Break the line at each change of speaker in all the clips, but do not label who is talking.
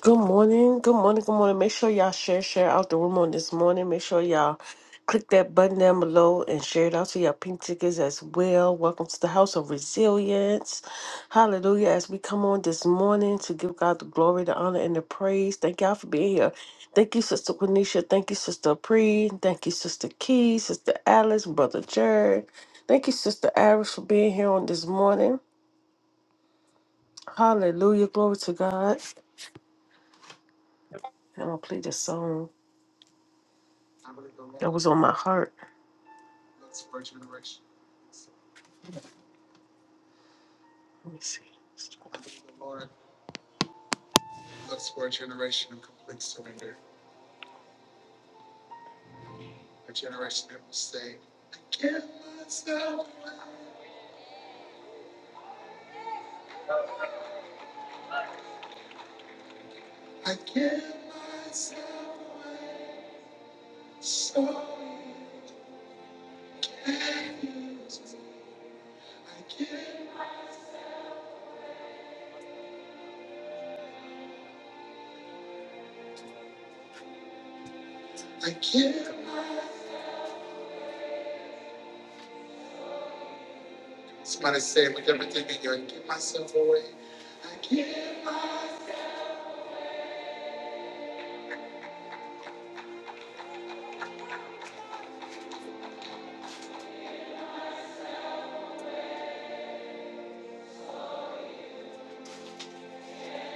Good morning, good morning, good morning. Make sure y'all share, share out the room on this morning. Make sure y'all click that button down below and share it out to your pink tickets as well. Welcome to the house of resilience. Hallelujah. As we come on this morning to give God the glory, the honor, and the praise. Thank y'all for being here. Thank you, Sister Quenisha. Thank you, Sister Pre. Thank you, Sister Key, Sister Alice, Brother Jared. Thank you, Sister Iris, for being here on this morning. Hallelujah. Glory to God. I'm going to play this song that was on my heart. Let me see.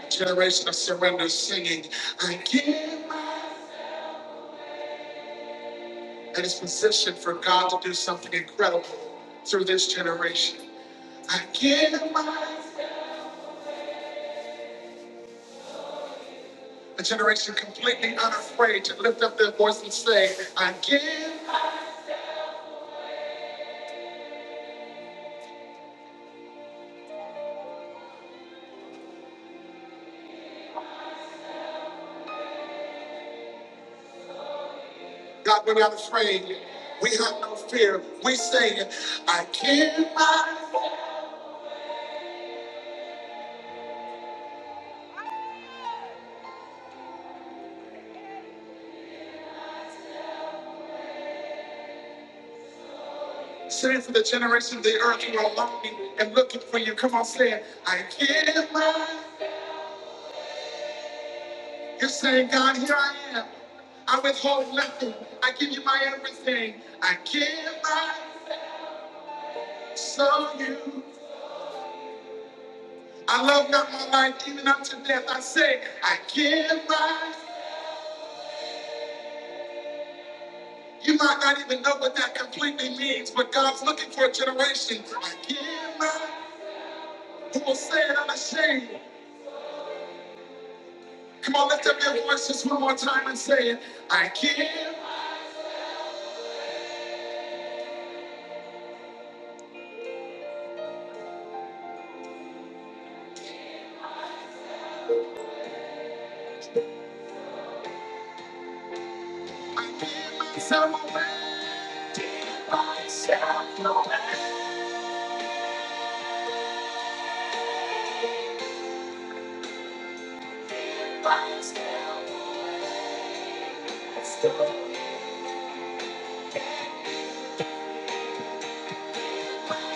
Generation of surrender singing, I give, and it's positioned for God to do something incredible through this generation. I give my a generation completely unafraid to lift up their voice and say, I give. God, we're not afraid. We have no fear. We say, I give my Say it for the generation of the earth who are longing and looking for you. Come on, say it. I give my You're saying, God, here I am. I withhold nothing. I give you my everything. I give my so you. I love not my life even unto death. I say, I give my. You might not even know what that completely means, but God's looking for a generation. I give my. Who will say it unashamed? Come on, lift up your voice just one more time and say it. I give. I give myself away. Step, step,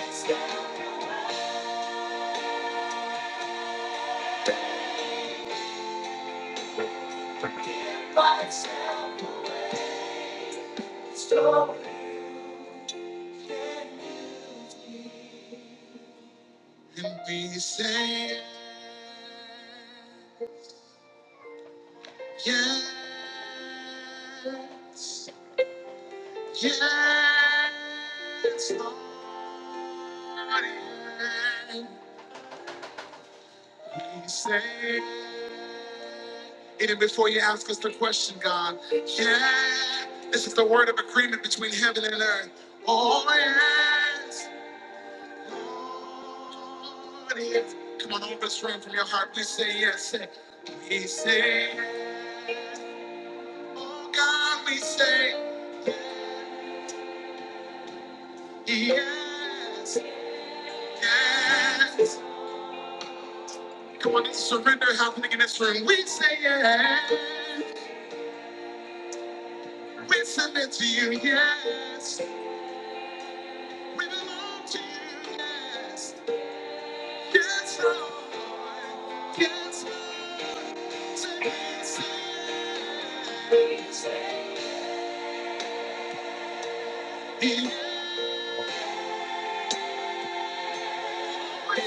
step by step. Stop and we say yes, yes, yes, Lord. And we say even before you ask us the question, God, yeah, this is the word of agreement between heaven and earth. Oh yes, Yes. Come on, all this room from your heart. Please say yes. Say, We say, yes. oh God, we say yes, yes. Come on, this surrender happening in this room. We say yes. We submit to you, yes. We belong to you, yes. Yes, Lord. Yes, Lord. Say yes. Yes. Thank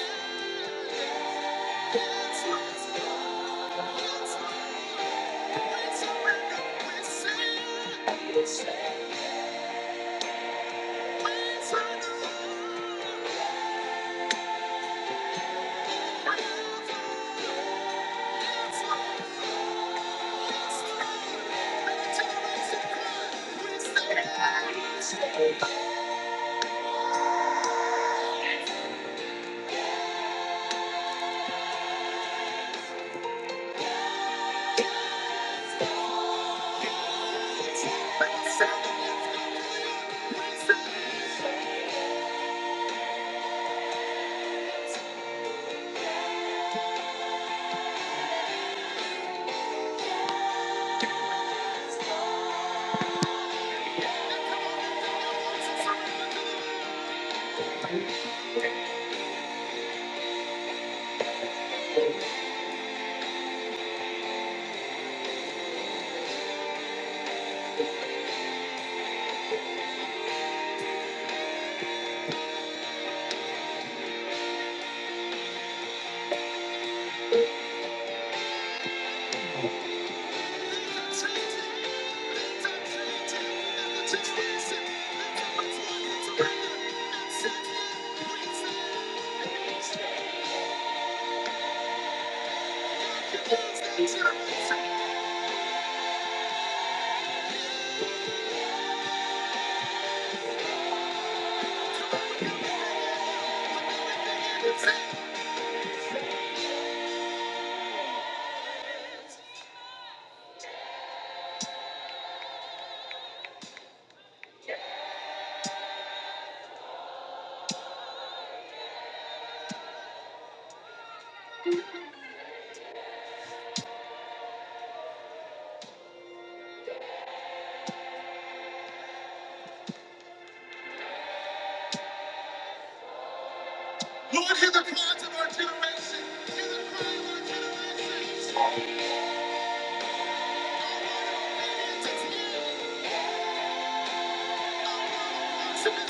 you. Lord, hear the cries of our generation. Hear the cry of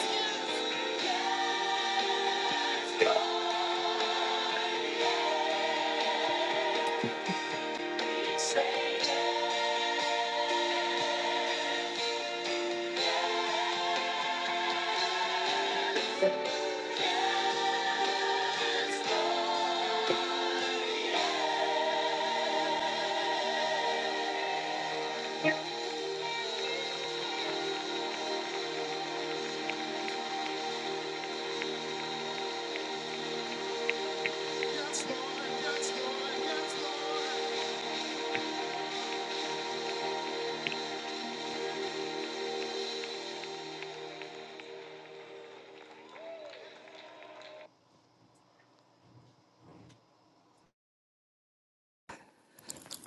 our generation.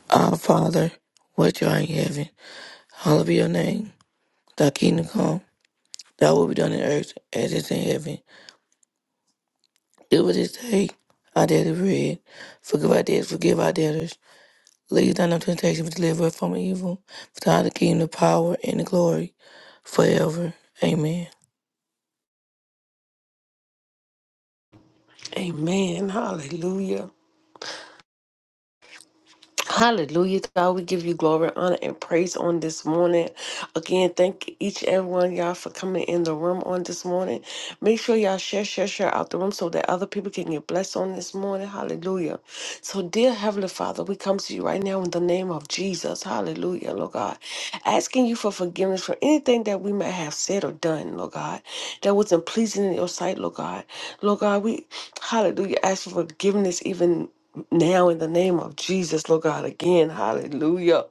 Our Father, which art in heaven, hallowed be your name. Thy kingdom come, thy will be done in earth as it is in heaven. Give us this day our daily bread. Forgive our debts, forgive our debtors. Lead us not into temptation, but deliver us from evil. For thine is the kingdom, the power, and the glory forever. Amen.
Amen. Hallelujah. Hallelujah, God. We give you glory, honor, and praise on this morning. Again, thank each and every one of y'all for coming in the room on this morning. Make sure y'all share, share, share out the room so that other people can get blessed on this morning. Hallelujah. So, dear Heavenly Father, we come to you right now in the name of Jesus. Hallelujah, Lord God. Asking you for forgiveness for anything that we may have said or done, Lord God, that wasn't pleasing in your sight, Lord God. Lord God, we, hallelujah, ask for forgiveness even now in the name of Jesus, Lord God, again. Hallelujah.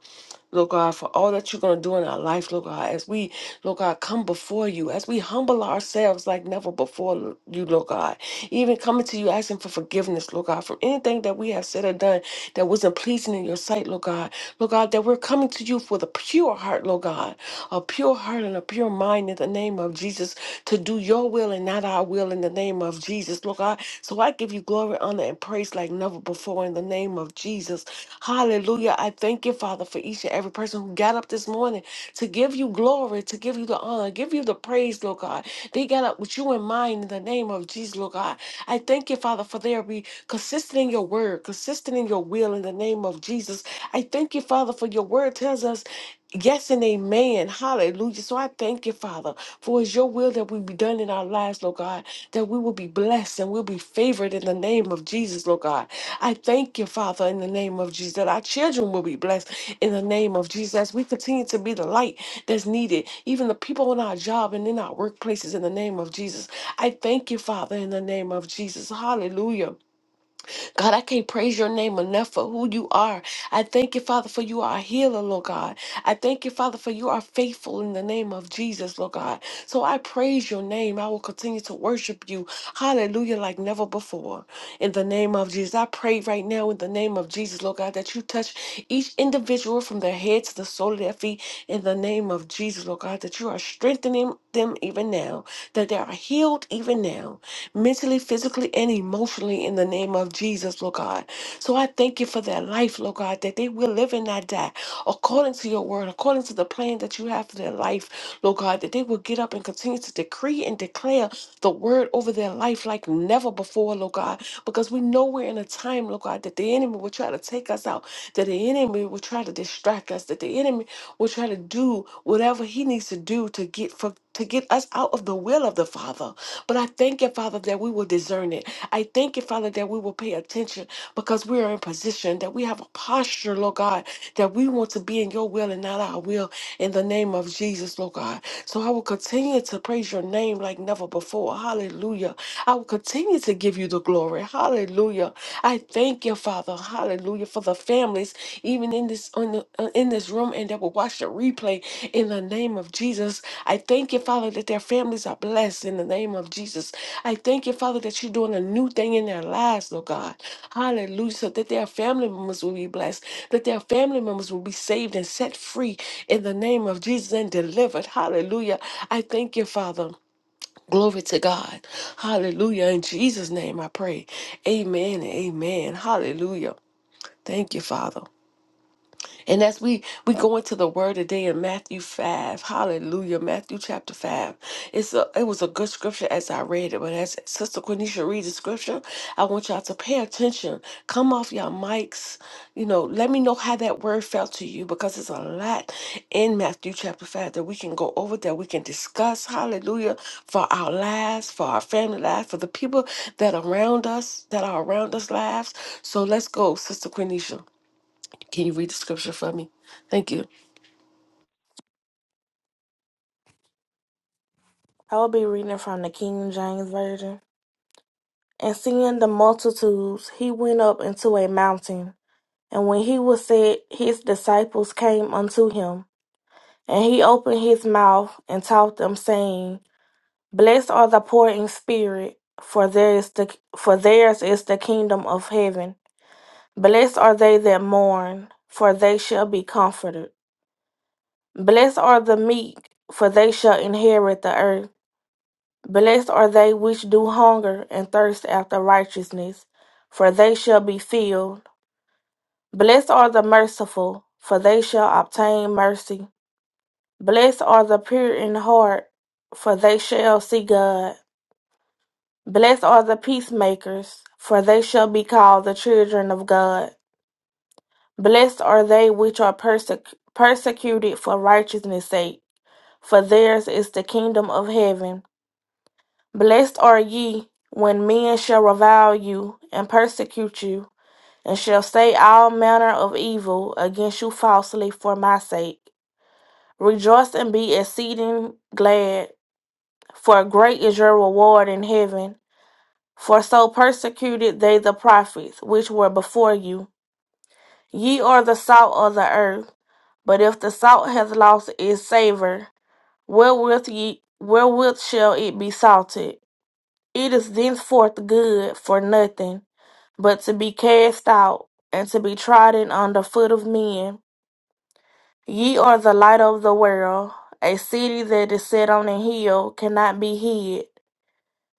Lord God, for all that you're going to do in our life, Lord God, as we, Lord God, come before you, as we humble ourselves like never before you, Lord God, even coming to you asking for forgiveness, Lord God, from anything that we have said or done that wasn't pleasing in your sight, Lord God, Lord God, that we're coming to you with a pure heart, Lord God, a pure heart and a pure mind in the name of Jesus to do your will and not our will in the name of Jesus, Lord God. So I give you glory, honor, and praise like never before in the name of Jesus. Hallelujah. I thank you, Father, for each and every person who got up this morning to give you glory, to give you the honor, give you the praise, Lord God. They got up with you in mind in the name of Jesus, Lord God. I thank you, Father, for their be consistent in your word, consistent in your will in the name of Jesus. I thank you, Father, for your word tells us Yes and amen. Hallelujah. So I thank you, Father, for it's your will that we be done in our lives, Lord God, that we will be blessed and we'll be favored in the name of Jesus, Lord God. I thank you, Father, in the name of Jesus, that our children will be blessed in the name of Jesus. As we continue to be the light that's needed, even the people on our job and in our workplaces, in the name of Jesus. I thank you, Father, in the name of Jesus. Hallelujah. God, I can't praise your name enough for who you are. I thank you, Father, for you are a healer, Lord God. I thank you, Father, for you are faithful in the name of Jesus, Lord God. So I praise your name. I will continue to worship you. Hallelujah, like never before. In the name of Jesus. I pray right now in the name of Jesus, Lord God, that you touch each individual from their head to the sole of their feet. In the name of Jesus, Lord God, that you are strengthening them even now, that they are healed even now mentally, physically, and emotionally in the name of Jesus, Lord God. So I thank you for their life, Lord God, that they will live and not die according to your word, according to the plan that you have for their life, Lord God, that they will get up and continue to decree and declare the word over their life like never before, Lord God, because we know we're in a time, Lord God, that the enemy will try to take us out, that the enemy will try to distract us, that the enemy will try to do whatever he needs to do to get for to get us out of the will of the Father. But I thank you, Father, that we will discern it. I thank you, Father, that we will pay attention because we are in position, that we have a posture, Lord God, that we want to be in your will and not our will in the name of Jesus, Lord God. So I will continue to praise your name like never before. Hallelujah. I will continue to give you the glory. Hallelujah. I thank you, Father, hallelujah, for the families, even in this on the, uh, in this room, and that will watch the replay in the name of Jesus. I thank you, Father, that their families are blessed in the name of Jesus. I thank you, Father, that you're doing a new thing in their lives, Lord God. Hallelujah. So that their family members will be blessed, that their family members will be saved and set free in the name of Jesus and delivered. Hallelujah. I thank you, Father. Glory to God. Hallelujah. In Jesus' name I pray. Amen and amen. Hallelujah. Thank you, Father. And as we we go into the word today in Matthew 5, hallelujah, Matthew chapter 5. It's a it was a good scripture as I read it, but as Sister Quenisha reads the scripture, I want y'all to pay attention. Come off your mics. You know, let me know how that word felt to you because it's a lot in Matthew chapter 5 that we can go over, that we can discuss, hallelujah, for our lives, for our family lives, for the people that around us, that are around us lives. So let's go, Sister Quenisha. Can you read the scripture for me? Thank you.
I will be reading from the King James Version. And seeing the multitudes, he went up into a mountain. And when he was set, his disciples came unto him. And he opened his mouth and taught them, saying, Blessed are the poor in spirit, for there is the for theirs is the kingdom of heaven. Blessed are they that mourn, for they shall be comforted. Blessed are the meek, for they shall inherit the earth. Blessed are they which do hunger and thirst after righteousness, for they shall be filled. Blessed are the merciful, for they shall obtain mercy. Blessed are the pure in heart, for they shall see God. Blessed are the peacemakers, for they shall be called the children of God. Blessed are they which are persec- persecuted for righteousness' sake, for theirs is the kingdom of heaven. Blessed are ye when men shall revile you and persecute you, and shall say all manner of evil against you falsely for my sake. Rejoice and be exceeding glad, for great is your reward in heaven. For so persecuted they the prophets which were before you. Ye are the salt of the earth, but if the salt hath lost its savour, wherewith ye wherewith shall it be salted? It is thenceforth good for nothing but to be cast out and to be trodden under foot of men. Ye are the light of the world. A city that is set on a hill cannot be hid.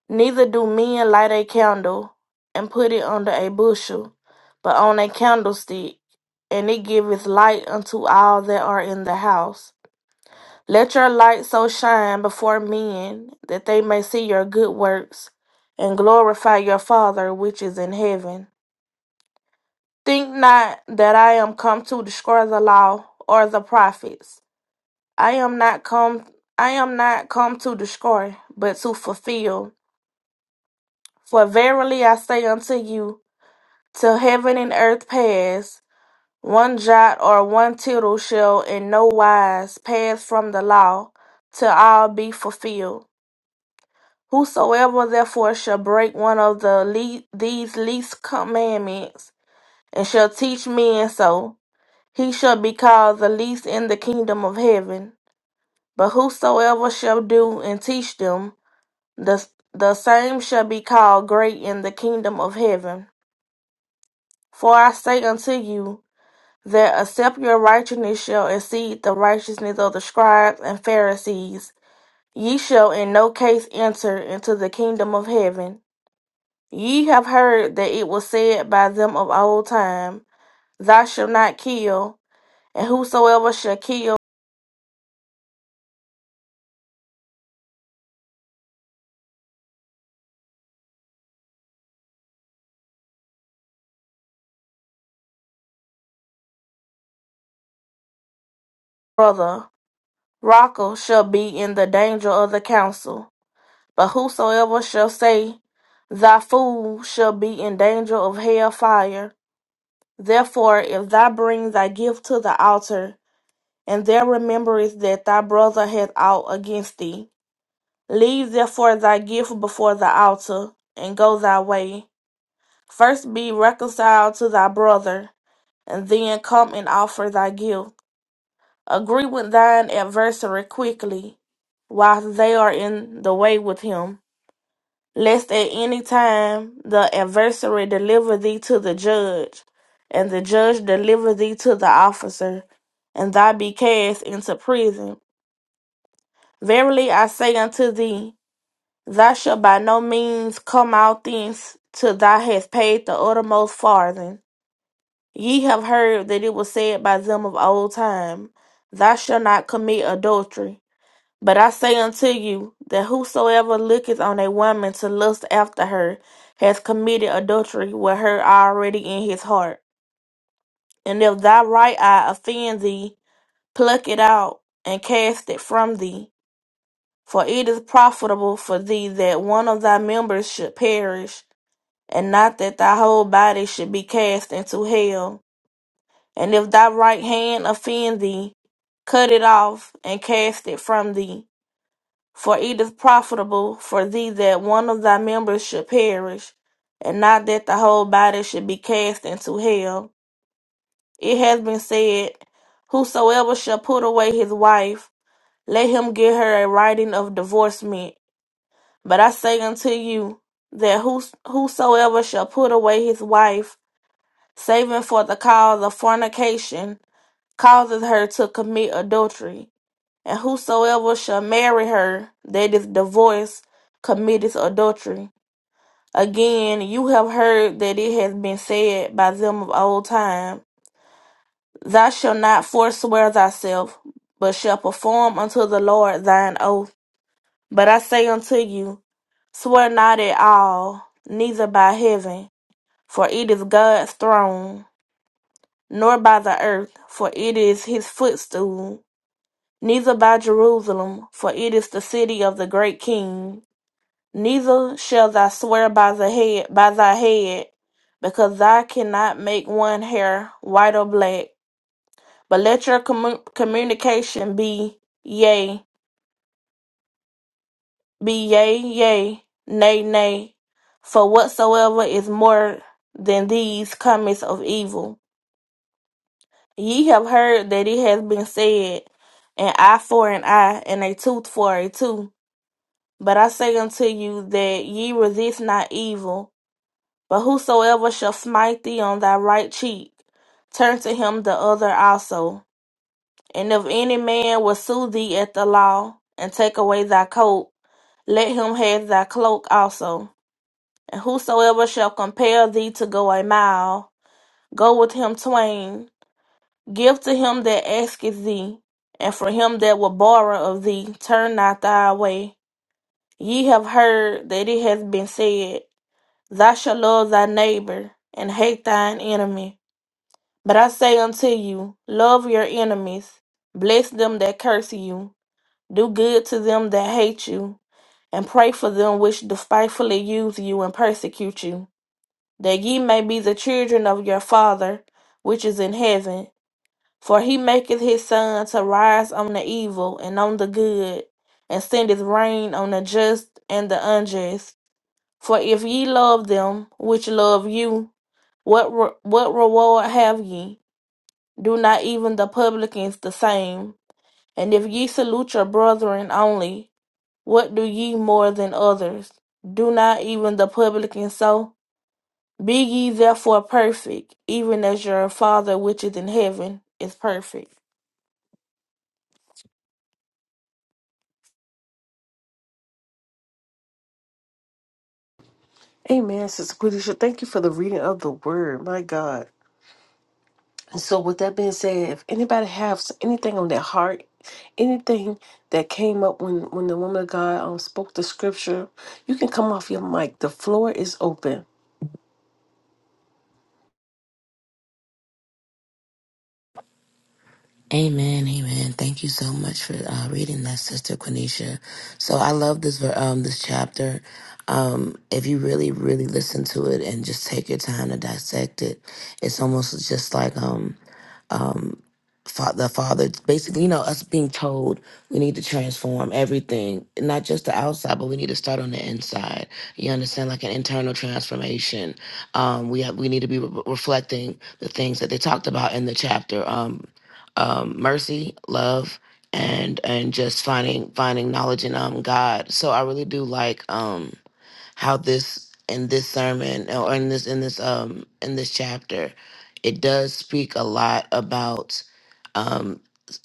Neither do men light a candle and put it under a bushel, but on a candlestick, and it giveth light unto all that are in the house. Let your light so shine before men that they may see your good works and glorify your Father which is in heaven. Think not that I am come to destroy the law or the prophets. I am not come I am not come to destroy, but to fulfill. For verily I say unto you, till heaven and earth pass, one jot or one tittle shall in no wise pass from the law, till all be fulfilled. Whosoever therefore shall break one of the le- these least commandments, and shall teach men so, he shall be called the least in the kingdom of heaven. But whosoever shall do and teach them, the, the same shall be called great in the kingdom of heaven. For I say unto you, that except your righteousness shall exceed the righteousness of the scribes and Pharisees, ye shall in no case enter into the kingdom of heaven. Ye have heard that it was said by them of old time, Thou shalt not kill, and whosoever shall kill brother Rocca shall be in the danger of the council: but whosoever shall say, Thy fool shall be in danger of hell fire. Therefore, if thou bring thy gift to the altar, and there rememberest that thy brother hath ought against thee, leave therefore thy gift before the altar, and go thy way. First be reconciled to thy brother, and then come and offer thy gift. Agree with thine adversary quickly, while they are in the way with him, lest at any time the adversary deliver thee to the judge, and the judge deliver thee to the officer, and thou be cast into prison. Verily I say unto thee, thou shalt by no means come out thence till thou hast paid the uttermost farthing. Ye have heard that it was said by them of old time, Thou shalt not commit adultery. But I say unto you that whosoever looketh on a woman to lust after her has committed adultery with her already in his heart. And if thy right eye offend thee, pluck it out and cast it from thee. For it is profitable for thee that one of thy members should perish, and not that thy whole body should be cast into hell. And if thy right hand offend thee, cut it off and cast it from thee. For it is profitable for thee that one of thy members should perish, and not that the whole body should be cast into hell. It has been said, Whosoever shall put away his wife, let him give her a writing of divorcement. But I say unto you, that whos- whosoever shall put away his wife, saving for the cause of fornication, causes her to commit adultery and whosoever shall marry her that is divorced committeth adultery. Again, you have heard that it has been said by them of old time, Thou shalt not forswear thyself, but shalt perform unto the Lord thine oath. But I say unto you, swear not at all, neither by heaven, for it is God's throne, nor by the earth, for it is his footstool, neither by Jerusalem, for it is the city of the great king Neither shalt thou swear by the head by thy head, because thou cannot make one hair white or black. But let your commu- communication be yea, be yea, yea, nay, nay. For whatsoever is more than these cometh of evil. Ye have heard that it has been said, an eye for an eye, and a tooth for a tooth. But I say unto you that ye resist not evil But whosoever shall smite thee on thy right cheek, turn to him the other also. And if any man will sue thee at the law, and take away thy coat, let him have thy cloak also. And whosoever shall compel thee to go a mile, go with him twain. Give to him that asketh thee, and from him that will borrow of thee, turn not thy way. Ye have heard that it hath been said, Thou shalt love thy neighbor, and hate thine enemy. But I say unto you, love your enemies, bless them that curse you, do good to them that hate you, and pray for them which despitefully use you and persecute you, that ye may be the children of your Father which is in heaven. For he maketh his sun to rise on the evil and on the good, and sendeth rain on the just and the unjust. For if ye love them which love you, what re- what reward have ye? Do not even the publicans the same? And if ye salute your brethren only, what do ye more than others? Do not even the publicans so? Be ye therefore perfect, even as your Father which is in heaven is perfect.
Amen, Sister Quenisha. Thank you for the reading of the word. My God. And so, with that being said, if anybody has anything on their heart, anything that came up when when the woman of God um, spoke the scripture, you can come off your mic. The floor is open.
Amen, amen. Thank you so much for uh, reading that, Sister Quenisha. So I love this ver- um this chapter. Um, if you really, really listen to it and just take your time to dissect it, it's almost just like um um, fa- the father basically you know us being told we need to transform everything not just the outside but we need to start on the inside you understand like an internal transformation um we have we need to be re- reflecting the things that they talked about in the chapter um um mercy love and and just finding finding knowledge in um god so i really do like Um, how this in this sermon or in this in this um in this chapter it does speak a lot about um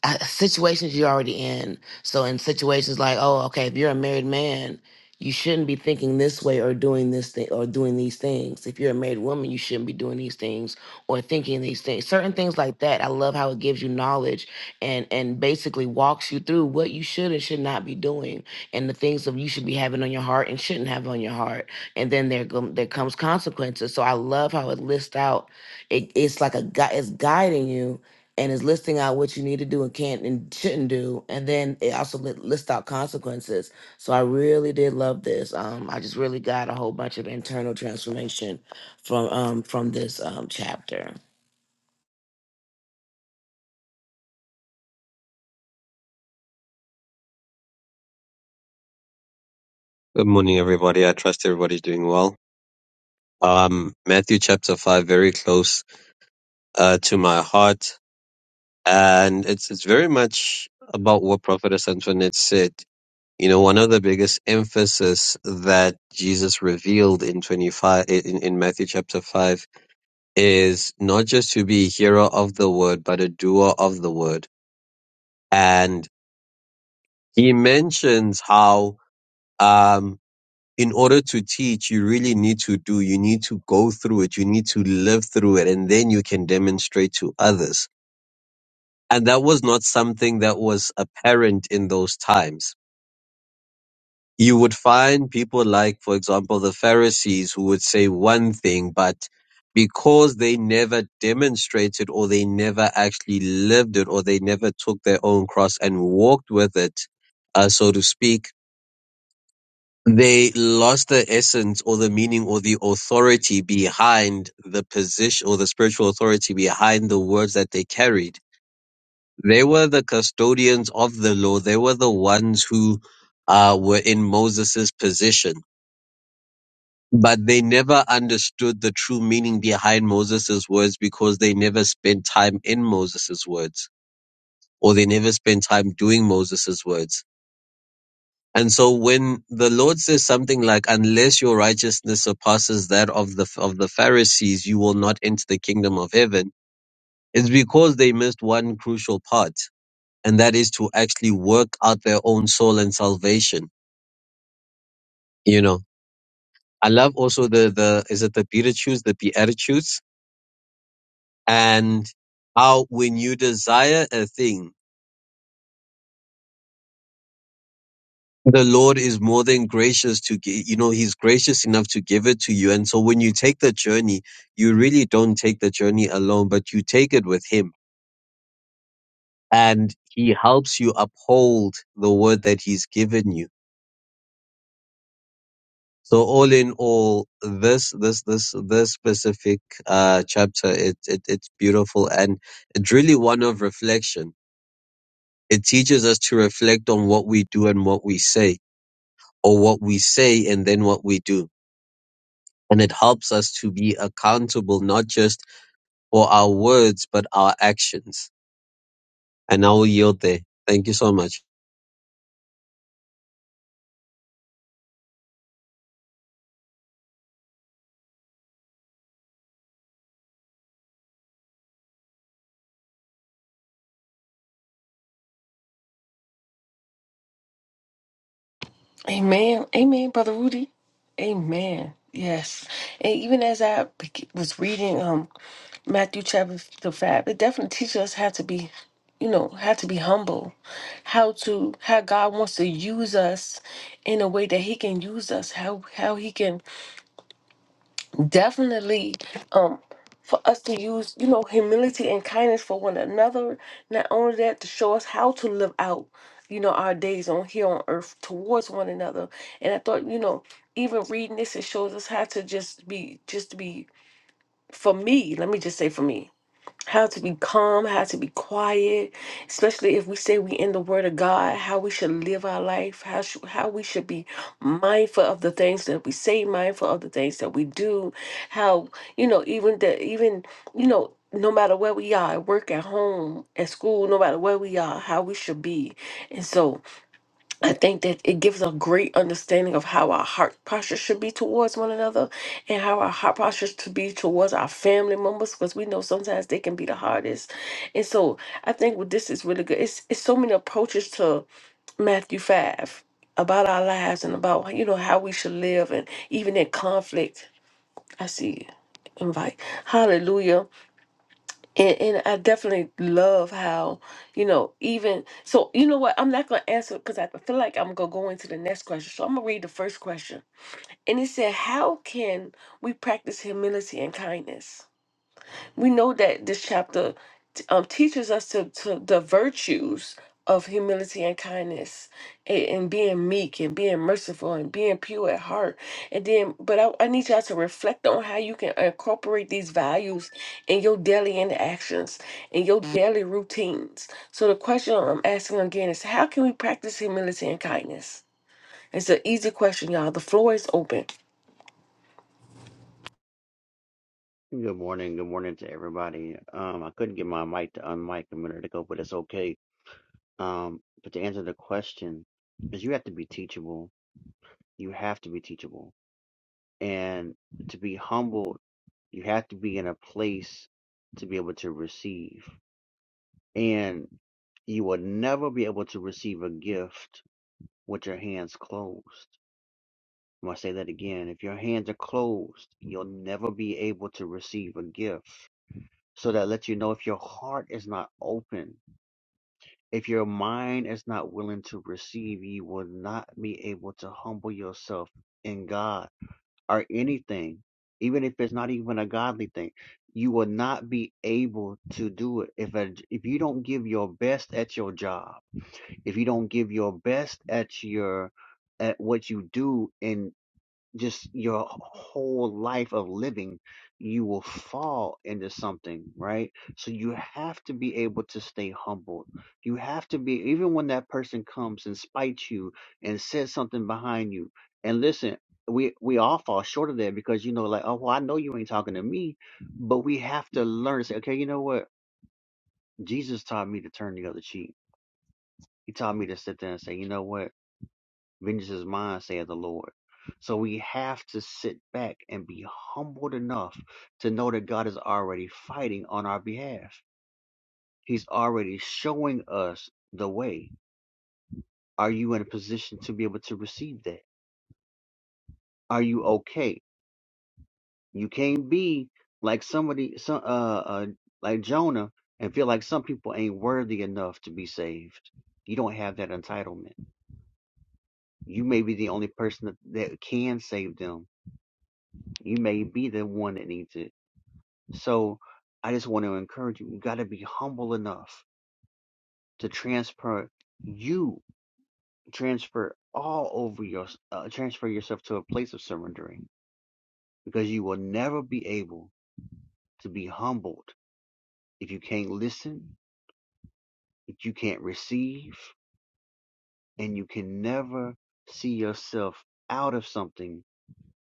uh, situations you're already in so in situations like oh okay if you're a married man you shouldn't be thinking this way or doing this thing or doing these things if you're a married woman you shouldn't be doing these things or thinking these things certain things like that i love how it gives you knowledge and and basically walks you through what you should and should not be doing and the things that you should be having on your heart and shouldn't have on your heart. And then there go, there comes consequences. So I love how it lists out. It, it's like a guy it's guiding you and is listing out what you need to do and can't and shouldn't do. And then it also li- lists out consequences. So I really did love this. Um, I just really got a whole bunch of internal transformation from um from this um chapter.
Good morning, everybody. I trust everybody's doing well. Um, Matthew chapter five, very close uh, to my heart, and it's it's very much about what Prophetess Antoinette said. You know, one of the biggest emphasis that Jesus revealed in twenty five in, in Matthew chapter five is not just to be a hearer of the word, but a doer of the word. And he mentions how um, in order to teach, you really need to do, you need to go through it, you need to live through it, and then you can demonstrate to others. And that was not something that was apparent in those times. You would find people like, for example, the Pharisees who would say one thing, but because they never demonstrated or they never actually lived it or they never took their own cross and walked with it, uh, so to speak, they lost the essence or the meaning or the authority behind the position or the spiritual authority behind the words that they carried. They were the custodians of the law. They were the ones who uh, were in Moses' position, but they never understood the true meaning behind Moses' words because they never spent time in Moses' words or they never spent time doing Moses' words And so when the Lord says something like, unless your righteousness surpasses that of the, of the Pharisees, you will not enter the kingdom of heaven, it's because they missed one crucial part. And that is to actually work out their own soul and salvation. You know, I love also the, the, is it the Beatitudes, the Beatitudes? And how when you desire a thing, the Lord is more than gracious to gi- you know he's gracious enough to give it to you and so when you take the journey you really don't take the journey alone but you take it with him and he helps you uphold the word that he's given you so all in all this this this this specific uh chapter it, it it's beautiful and it's really one of reflection it teaches us to reflect on what we do and what we say or what we say and then what we do And it helps us to be accountable, not just for our words, but our actions. And I will yield there. Thank you so much.
Amen. Amen, Brother Rudy. Amen. Yes. And even as I be- was reading um Matthew chapter the five, it definitely teaches us how to be, you know, how to be humble, how to how God wants to use us in a way that He can use us, how how He can definitely um for us to use you know humility and kindness for one another not only that to show us how to live out you know our days on here on earth towards one another and i thought you know even reading this it shows us how to just be just be for me let me just say for me how to be calm, how to be quiet, especially if we say we in the Word of God, how we should live our life, how sh- how we should be mindful of the things that we say, mindful of the things that we do, how you know even that even you know no matter where we are, at work, at home, at school, no matter where we are, how we should be, and so. I think that it gives a great understanding of how our heart posture should be towards one another and how our heart posture should be towards our family members because we know sometimes they can be the hardest. And so I think what this is really good. It's it's so many approaches to Matthew five about our lives and about you know how we should live and even in conflict. I see invite. Hallelujah. And, and I definitely love how, you know, even so, you know what? I'm not going to answer because I feel like I'm going to go into the next question. So I'm going to read the first question. And it said, How can we practice humility and kindness? we know that this chapter t- um, teaches us to, to the virtues of humility and kindness and, and being meek and being merciful and being pure at heart and then but I, I need y'all to reflect on how you can incorporate these values in your daily interactions in your daily routines so the question i'm asking again is how can we practice humility and kindness it's an easy question y'all the floor is open
Good morning. Good morning to everybody. Um, I couldn't get my mic to unmic a minute ago, but it's okay. Um, but to answer the question, is you have to be teachable. You have to be teachable, and to be humbled, you have to be in a place to be able to receive. And you will never be able to receive a gift with your hands closed. I'm gonna say that again. If your hands are closed, you'll never be able to receive a gift So that lets you know if your heart is not open, if your mind is not willing to receive, you will not be able to humble yourself in God or anything, even if it's not even a godly thing. You will not be able to do it if a, if you don't give your best at your job, if you don't give your best at your at what you do in just your whole life of living, you will fall into something, right? So you have to be able to stay humble. You have to be, even when that person comes and spites you and says something behind you. And listen, we we all fall short of that because you know, like, oh, well, I know you ain't talking to me, but we have to learn to say, okay, you know what? Jesus taught me to turn the other cheek. He taught me to sit there and say, you know what? Vengeance is mine, saith the Lord. So we have to sit back and be humbled enough to know that God is already fighting on our behalf. He's already showing us the way. Are you in a position to be able to receive that? Are you okay? You can't be like somebody, some, uh, uh, like Jonah, and feel like some people ain't worthy enough to be saved. You don't have that entitlement. You may be the only person that, that can save them. You may be the one that needs it So I just want to encourage you, you got to be humble enough to transfer you, transfer all over your, uh, transfer yourself to a place of surrendering because you will never be able to be humbled if you can't listen, if you can't receive, and you can never see yourself out of something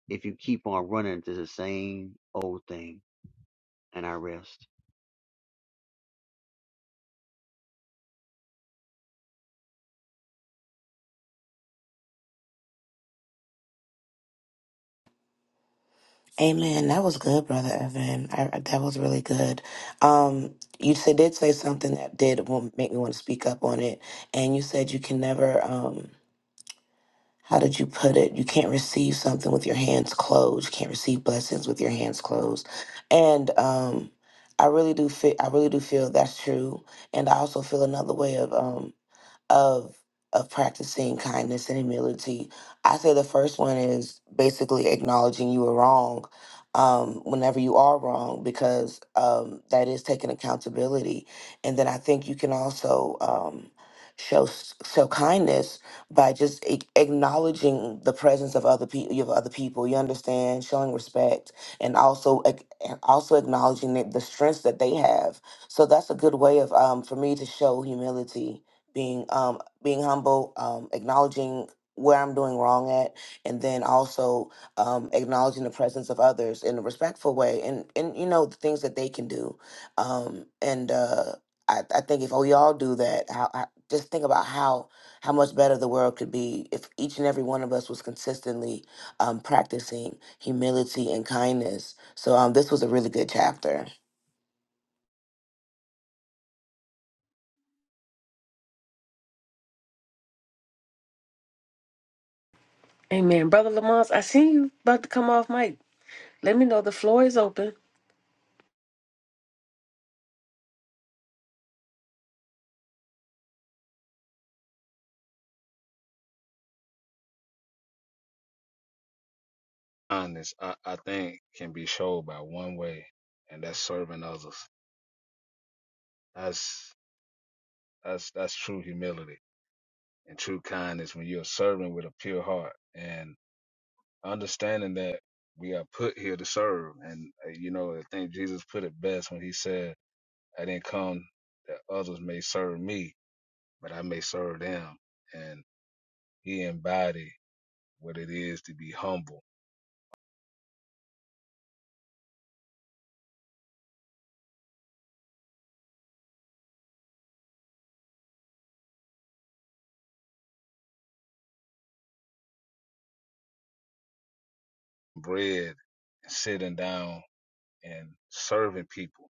if you keep on running to the same old thing. And I rest.
Amen. That was good, Brother Evan. I, I- that was really good. Um, you said, did say something that did wa- make me want to speak up on it. And you said you can never, um, how did you put it? You can't receive something with your hands closed. You can't receive blessings with your hands closed. And um, I really do feel, I really do feel that's true. And I also feel another way of, Um, of of practicing kindness and humility. I say the first one is basically acknowledging you were wrong um, whenever you are wrong, because um, that is taking accountability. And then I think you can also um, show s- show kindness by just a- acknowledging the presence of other people. Of other people, you understand, showing respect, and also ac- and also acknowledging that the strengths that they have. So that's a good way of um, for me to show humility being um being humble um acknowledging where i'm doing wrong at and then also um acknowledging the presence of others in a respectful way and and you know the things that they can do um and uh i, I think if we all do that how I, just think about how how much better the world could be if each and every one of us was consistently um, practicing humility and kindness so um, this was a really good chapter
amen brother lamont i see you about to come off mic let me know the floor is open
honest, I, I think can be showed by one way, and that's serving others. That's that's that's true humility and true kindness when you're serving with a pure heart and understanding that we are put here to serve. And uh, you know, I think Jesus put it best when he said, "I didn't come that others may serve me, but I may serve them." And he embodied what it is to be humble, bread, sitting down and serving people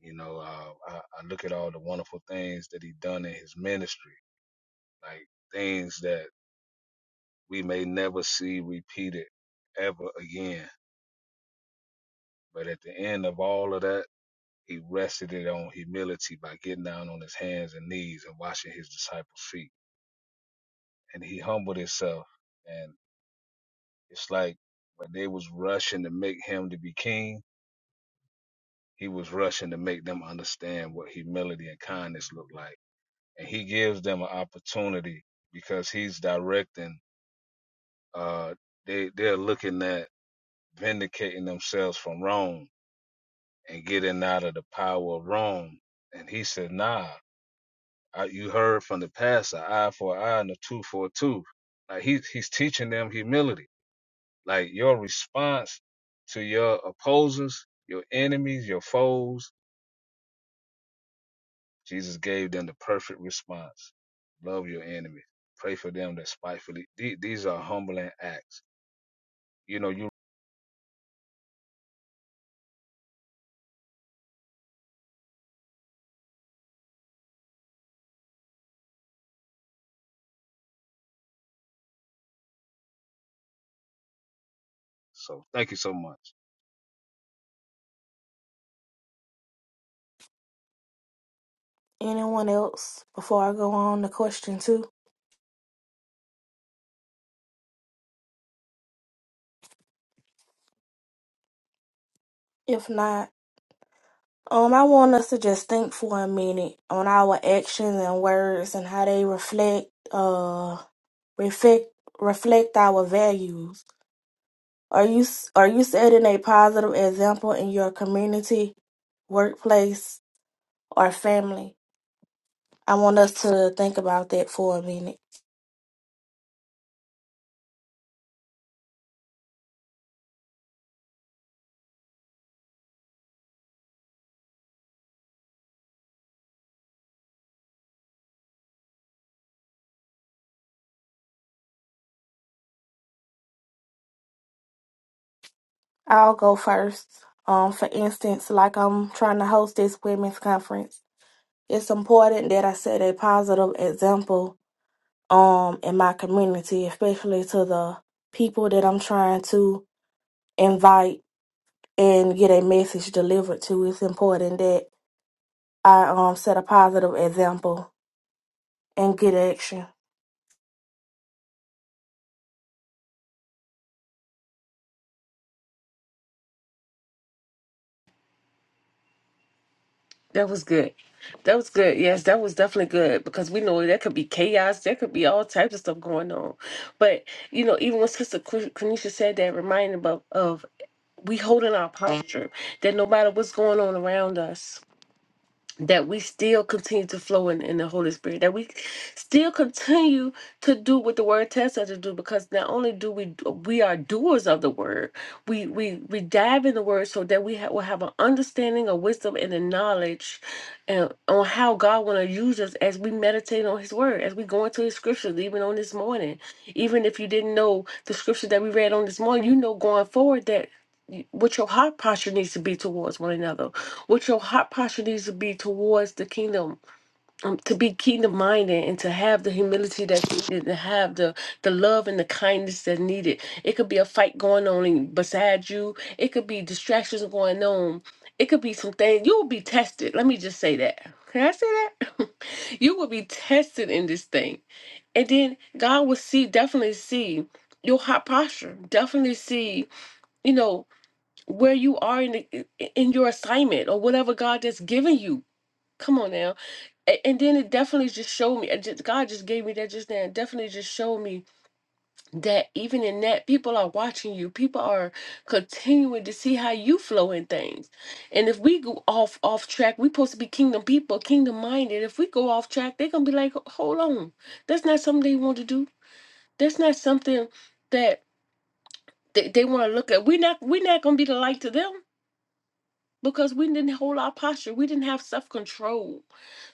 You know, uh, I, I look at all the wonderful things that he done in his ministry, like things that we may never see repeated ever again. But at the end of all of that, he rested it on humility by getting down on his hands and knees and washing his disciples' feet. And he humbled himself. And it's like when they was rushing to make him to be king, he was rushing to make them understand what humility and kindness look like and he gives them an opportunity because he's directing uh they they're looking at vindicating themselves from Rome and getting out of the power of Rome and he said nah I, you heard from the past an eye for an eye and a tooth for a tooth like he he's teaching them humility like your response to your opposers your enemies your foes Jesus gave them the perfect response. Love your enemies. Pray for them that spitefully. These are humbling acts. You know, you so thank you so much.
Anyone else before I go on to question two? If not, um, I want us to just think for a minute on our actions and words and how they reflect, uh, reflect reflect our values Are you s- are you setting a positive example in your community, workplace, or family? I want us to think about that for a minute. I'll go first. Um, for instance, like I'm trying to host this women's conference, it's important that I set a positive example um in my community, especially to the people that I'm trying to invite and get a message delivered to. It's important that I um set a positive example and get action.
That was good. That was good. Yes, that was definitely good because we know there could be chaos. There could be all types of stuff going on. But, you know, even when Sister Qu- Quenisha said that, reminded of, of we holding our posture that no matter what's going on around us, that we still continue to flow in, in the Holy Spirit, that we still continue to do what the Word tells us to do, because not only do we we are doers of the Word, we we we dive in the Word so that we ha- will have an understanding, a wisdom, and a knowledge, and on how God want to use us as we meditate on His Word, as we go into His scriptures, even on this morning. Even if you didn't know the scripture that we read on this morning, you know going forward that y- what your heart posture needs to be towards one another what your heart posture needs to be towards the kingdom, um, to be kingdom minded and to have the humility that's needed, to have the, the love and the kindness that's needed. It could be a fight going on in- beside you, it could be distractions going on, it could be some things. You will be tested. Let me just say that. Can I say that? you will be tested in this thing. And then God will see, definitely see your heart posture, definitely see, you know where you are in the, in your assignment or whatever God has given you. Come on now. A- And then it definitely just showed me. it just- God just gave me that just now. It definitely just showed me that even in that, people are watching you. People are continuing to see how you flow in things. And if we go off off track, we are supposed to be kingdom people, kingdom minded. If we go off track, they're gonna be like, hold on, that's not something they want to do. That's not something that they, they want to look at. We're not we're not gonna be the light to them because we didn't hold our posture. We didn't have self control.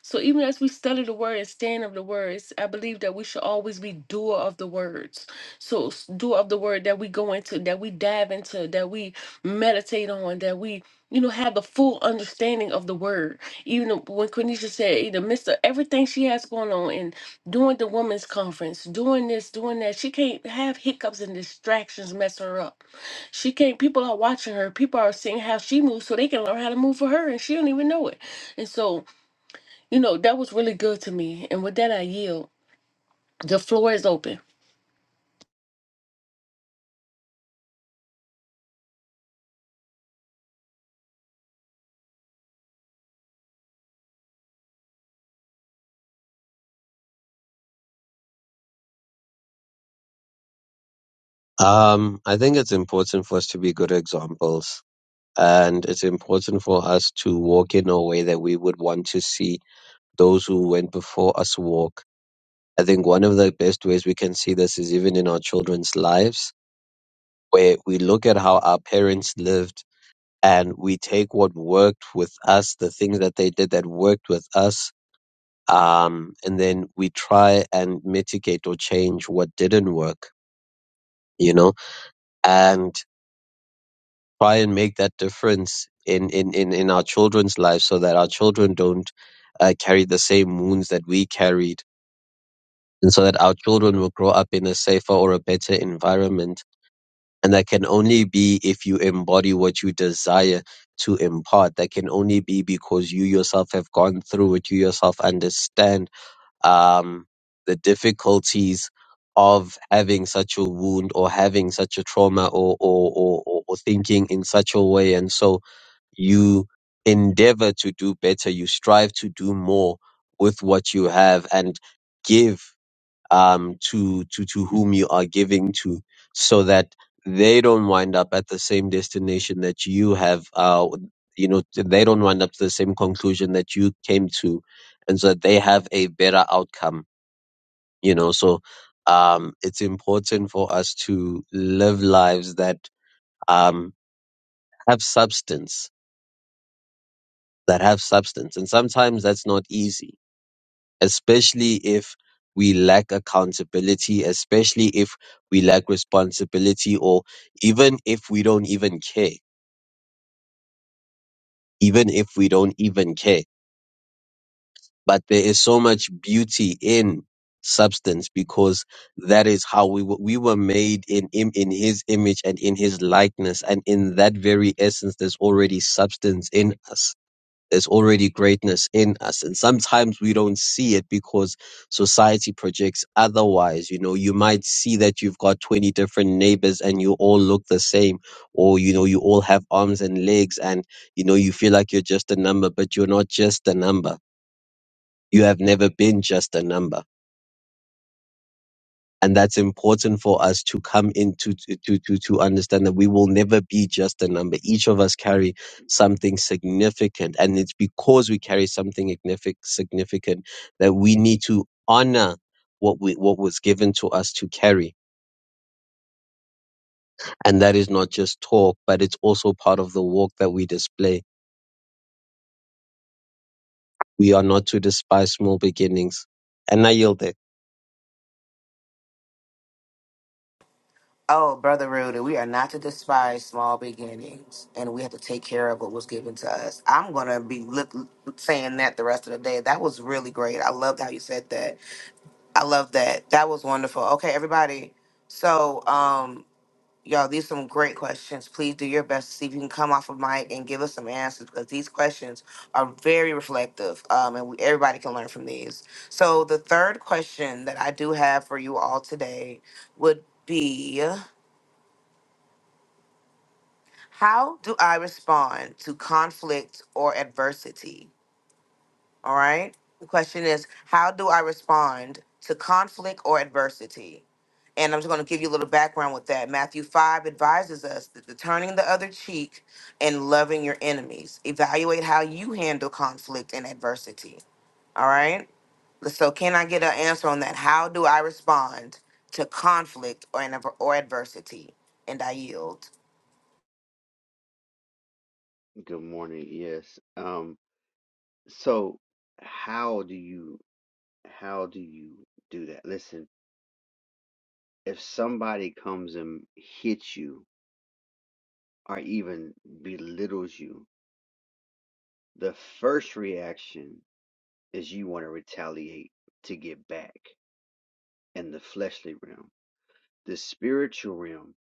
So even as we study the word and stand of the words, I believe that we should always be doer of the words. So s- doer of the word that we go into, that we dive into, that we meditate on, that we you know have the full understanding of the word. Even when Quenisha said, in the midst of everything she has going on and doing the women's conference, doing this, doing that, she can't have hiccups and distractions mess her up she can't. People are watching her. People are seeing how she moves, so they can learn how to move for her, and she don't even know it. And so, you know, that was really good to me. And with that, I yield. The floor is open.
Um, I think it's important for us to be good examples. And it's important for us to walk in a way that we would want to see those who went before us walk. I think one of the best ways we can see this is even in our children's lives, where we look at how our parents lived and we take what worked with us, the things that they did that worked with us, um, and then we try and mitigate or change what didn't work, you know, and try and make that difference in in in, in our children's lives so that our children don't uh, carry the same wounds that we carried, and so that our children will grow up in a safer or a better environment. And that can only be if you embody what you desire to impart. That can only be because you yourself have gone through it, you yourself understand um, the difficulties of having such a wound or having such a trauma or, or, or, or, or thinking in such a way. And so you endeavor to do better. You strive to do more with what you have and give, um, to, to, to whom you are giving to so that they don't wind up at the same destination that you have, uh, you know, they don't wind up to the same conclusion that you came to and so that they have a better outcome you know so um it's important for us to live lives that um have substance that have substance and sometimes that's not easy especially if we lack accountability especially if we lack responsibility or even if we don't even care even if we don't even care but there is so much beauty in substance because that is how we were, we were made in him in his image and in his likeness and in that very essence there's already substance in us there's already greatness in us and sometimes we don't see it because society projects otherwise you know you might see that you've got 20 different neighbors and you all look the same or you know you all have arms and legs and you know you feel like you're just a number but you're not just a number you have never been just a number. And that's important for us to come into to, to, to to understand that we will never be just a number. Each of us carry something significant. And it's because we carry something ignific- significant that we need to honor what we, what was given to us to carry. And that is not just talk, but it's also part of the walk that we display. We are not to despise small beginnings. And I yield it.
Oh, Brother Rudy, we are not to despise small beginnings, and we have to take care of what was given to us. I'm going to be look, saying that the rest of the day. That was really great. I loved how you said that. I love that. That was wonderful. Okay, everybody. So, um, y'all, these some great questions. Please do your best to see if you can come off of mic and give us some answers because these questions are very reflective, um, and we, everybody can learn from these. So, the third question that I do have for you all today would be. How do I respond to conflict or adversity? All right. The question is, how do I respond to conflict or adversity? And I'm just going to give you a little background with that. Matthew 5 advises us that the turning the other cheek and loving your enemies. Evaluate how you handle conflict and adversity. All right. So, can I get an answer on that? How do I respond to conflict or, an- or adversity? And I yield.
Good morning. Yes. Um, so how do you How do you do that? Listen, if somebody comes and hits you or even belittles you, the first reaction is you want to retaliate to get back in the fleshly realm. The spiritual realm,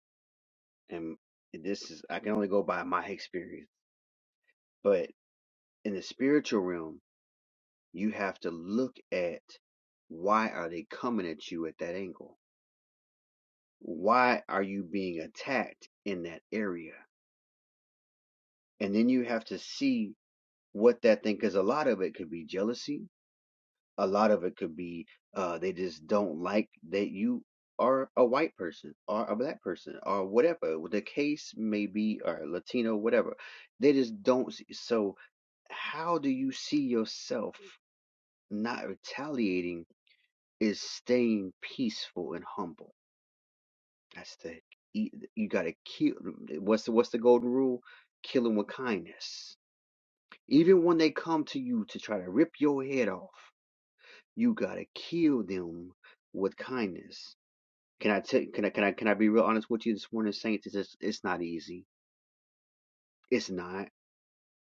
and this is, I can only go by my experience, but in the spiritual realm, you have to look at why are they coming at you at that angle? Why are you being attacked in that area? And then you have to see what that thing, because a lot of it could be jealousy. A lot of it could be uh, they just don't like that you are a white person or a black person or whatever the case may be, or Latino, whatever. They just don't see. So, how do you see yourself not retaliating is staying peaceful and humble. That's the you got to kill. What's the what's the golden rule? Kill 'em with kindness Even when they come to you to try to rip your head off, you gotta kill them with kindness. Can I tell? Can I? Can I? Can I be real honest with you this morning, Saints? It's it's it's not easy. It's not,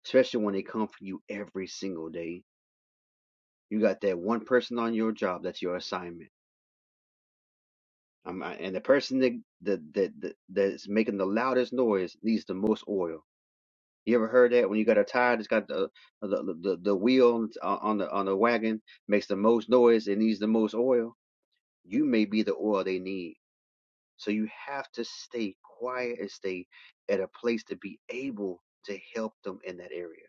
especially when they come for you every single day. You got that one person on your job that's your assignment. Um, and the person that that that that that's making the loudest noise needs the most oil. You ever heard that? When you got a tire that's got the the the, the wheel on on the on the wagon makes the most noise, it needs the most oil You may be the oil they need. So you have to stay quiet and stay at a place to be able to help them in that area.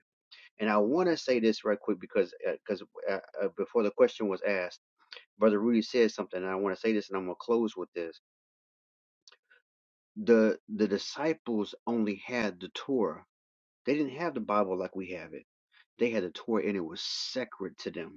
And I want to say this right quick because because uh, uh, uh, before the question was asked, Brother Rudy said something, and I want to say this, and I'm gonna close with this. the The disciples only had the Torah; they didn't have the Bible like we have it. They had the Torah, and it was sacred to them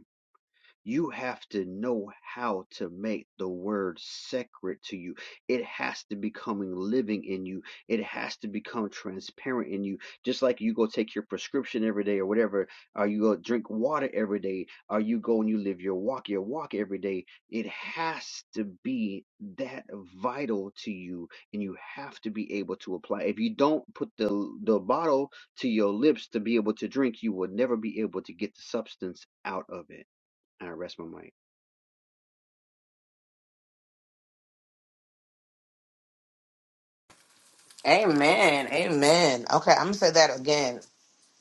You have to know how to make the word sacred to you. It has to become living in you. It has to become transparent in you. Just like you go take your prescription every day or whatever, or you go drink water every day, or you go and you live your walk, your walk every day. It has to be that vital to you, and you have to be able to apply. If you don't put the the bottle to your lips to be able to drink, you will never be able to get the substance out of it. I rest my mic.
Amen. Amen. Okay, I'm gonna say that again.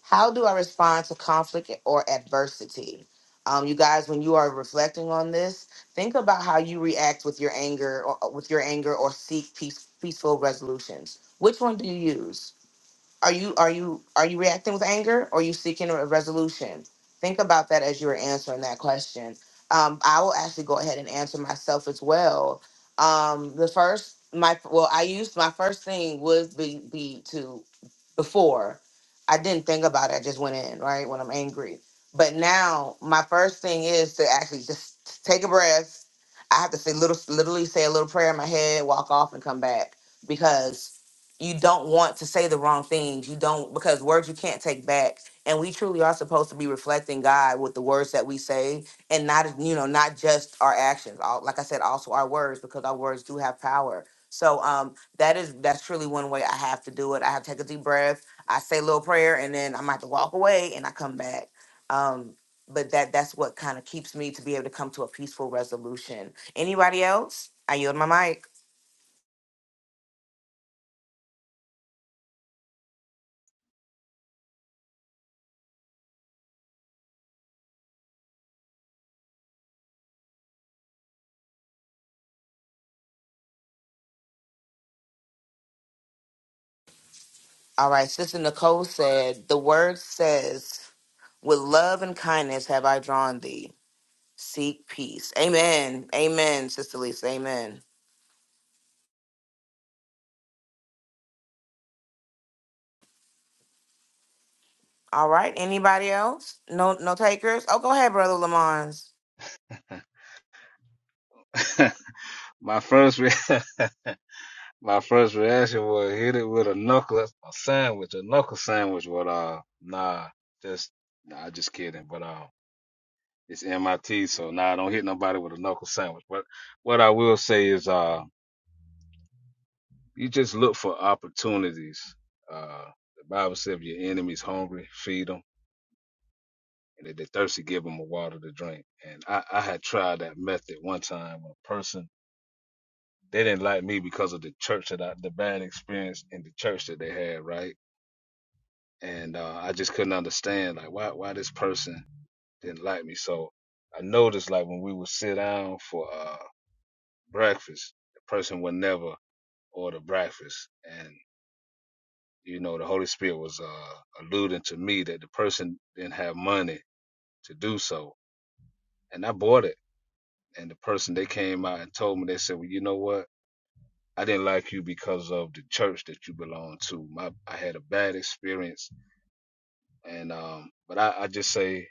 How do I respond to conflict or adversity? Um, you guys, when you are reflecting on this, think about how you react with your anger, or with your anger, or seek peace, peaceful resolutions. Which one do you use? Are you are you are you reacting with anger or are you seeking a resolution? Think about that as you're answering that question. Um, I will actually go ahead and answer myself as well. Um, the first my well, I used my first thing would be, be to before I didn't think about it. I just went in, right? When I'm angry. But now my first thing is to actually just take a breath. I have to say little literally say a little prayer in my head, walk off and come back because you don't want to say the wrong things. You don't because words you can't take back. And we truly are supposed to be reflecting God with the words that we say and not you know, not just our actions. All, like I said, also our words because our words do have power. So um that is that's truly one way I have to do it. I have to take a deep breath. I say a little prayer, and then I might have to walk away, and I come back. Um, but that that's what kind of keeps me to be able to come to a peaceful resolution. Anybody else? I yield my mic. All right, Sister Nicole said, "The word says, with love and kindness have I drawn thee. Seek peace." Amen. Amen, Sister Lisa. Amen. All right. Anybody else? No, no takers. Oh, go ahead, Brother Lamont.
my first re- my first reaction was hit it with a knuckle a sandwich, a knuckle sandwich, but uh nah, just nah just kidding. But uh it's MIT, so nah don't hit nobody with a knuckle sandwich. But what I will say is uh You just look for opportunities. Uh, the Bible says, if your enemy's hungry, feed them. And if they're thirsty, give them a water to drink. And I, I had tried that method one time when a person, they didn't like me because of the church that I, the bad experience in the church that they had, right? And uh, I just couldn't understand, like, why, why this person didn't like me. So I noticed, like, when we would sit down for uh, breakfast, the person would never order breakfast. and You know, the Holy Spirit was uh, alluding to me that the person didn't have money to do so, and I bought it. And the person they came out and told me they said, "Well, you know what? I didn't like you because of the church that you belong to. My I had a bad experience, and um, but I, I just say,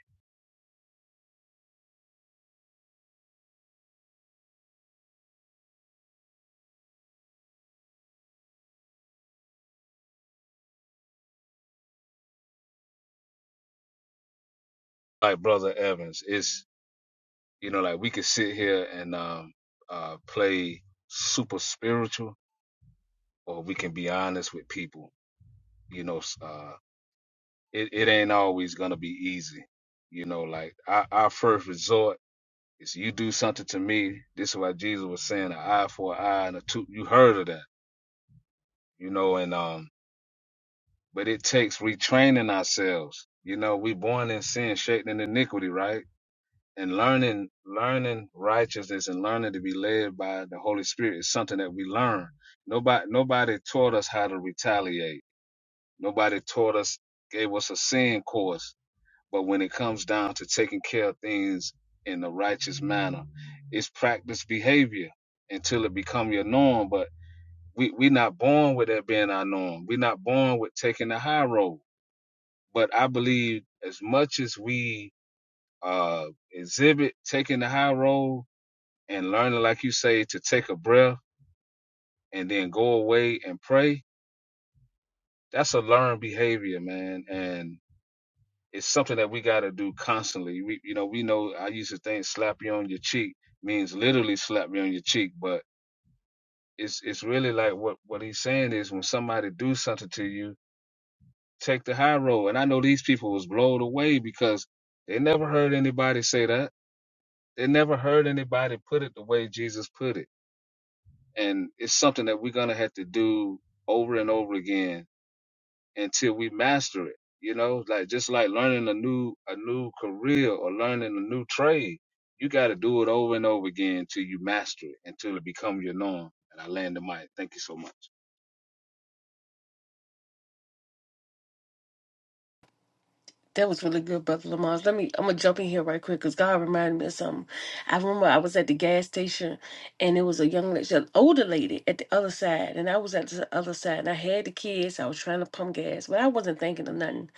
like Brother Evans, it's you know, like we could sit here and um, uh, play super spiritual, or we can be honest with people. You know, uh, it, it ain't always gonna be easy. You know, like our, our first resort is you do something to me. This is why Jesus was saying an eye for an eye and a tooth. You heard of that, you know, and um, but it takes retraining ourselves. You know, we born in sin, shaped in iniquity, right? And learning, learning righteousness and learning to be led by the Holy Spirit is something that we learn. Nobody, nobody taught us how to retaliate. Nobody taught us, gave us a sin course But when it comes down to taking care of things in a righteous manner, it's practice behavior until it become your norm. But we we not born with that being our norm. We're not born with taking the high road. But I believe as much as we uh, exhibit taking the high road and learning, like you say, to take a breath and then go away and pray, that's a learned behavior, man. And it's something that we got to do constantly. We, you know, we know I used to think slap you on your cheek means literally slap you on your cheek, but it's it's really like what what he's saying is when somebody do something to you, take the high road. And I know these people was blown away because they never heard anybody say that. They never heard anybody put it the way Jesus put it. And it's something that we're gonna have to do over and over again until we master it. You know, like just like learning a new a new career or learning a new trade, you got to do it over and over again until you master it, until it become your norm. And I land the mic. Thank you so much.
That was really good, Brother Lamont. Let me. I'm gonna jump in here right quick because God reminded me of something. I remember I was at the gas station, and it was a young, lady, an older lady at the other side, and I was at the other side, and I had the kids. I was trying to pump gas, but I wasn't thinking of nothing.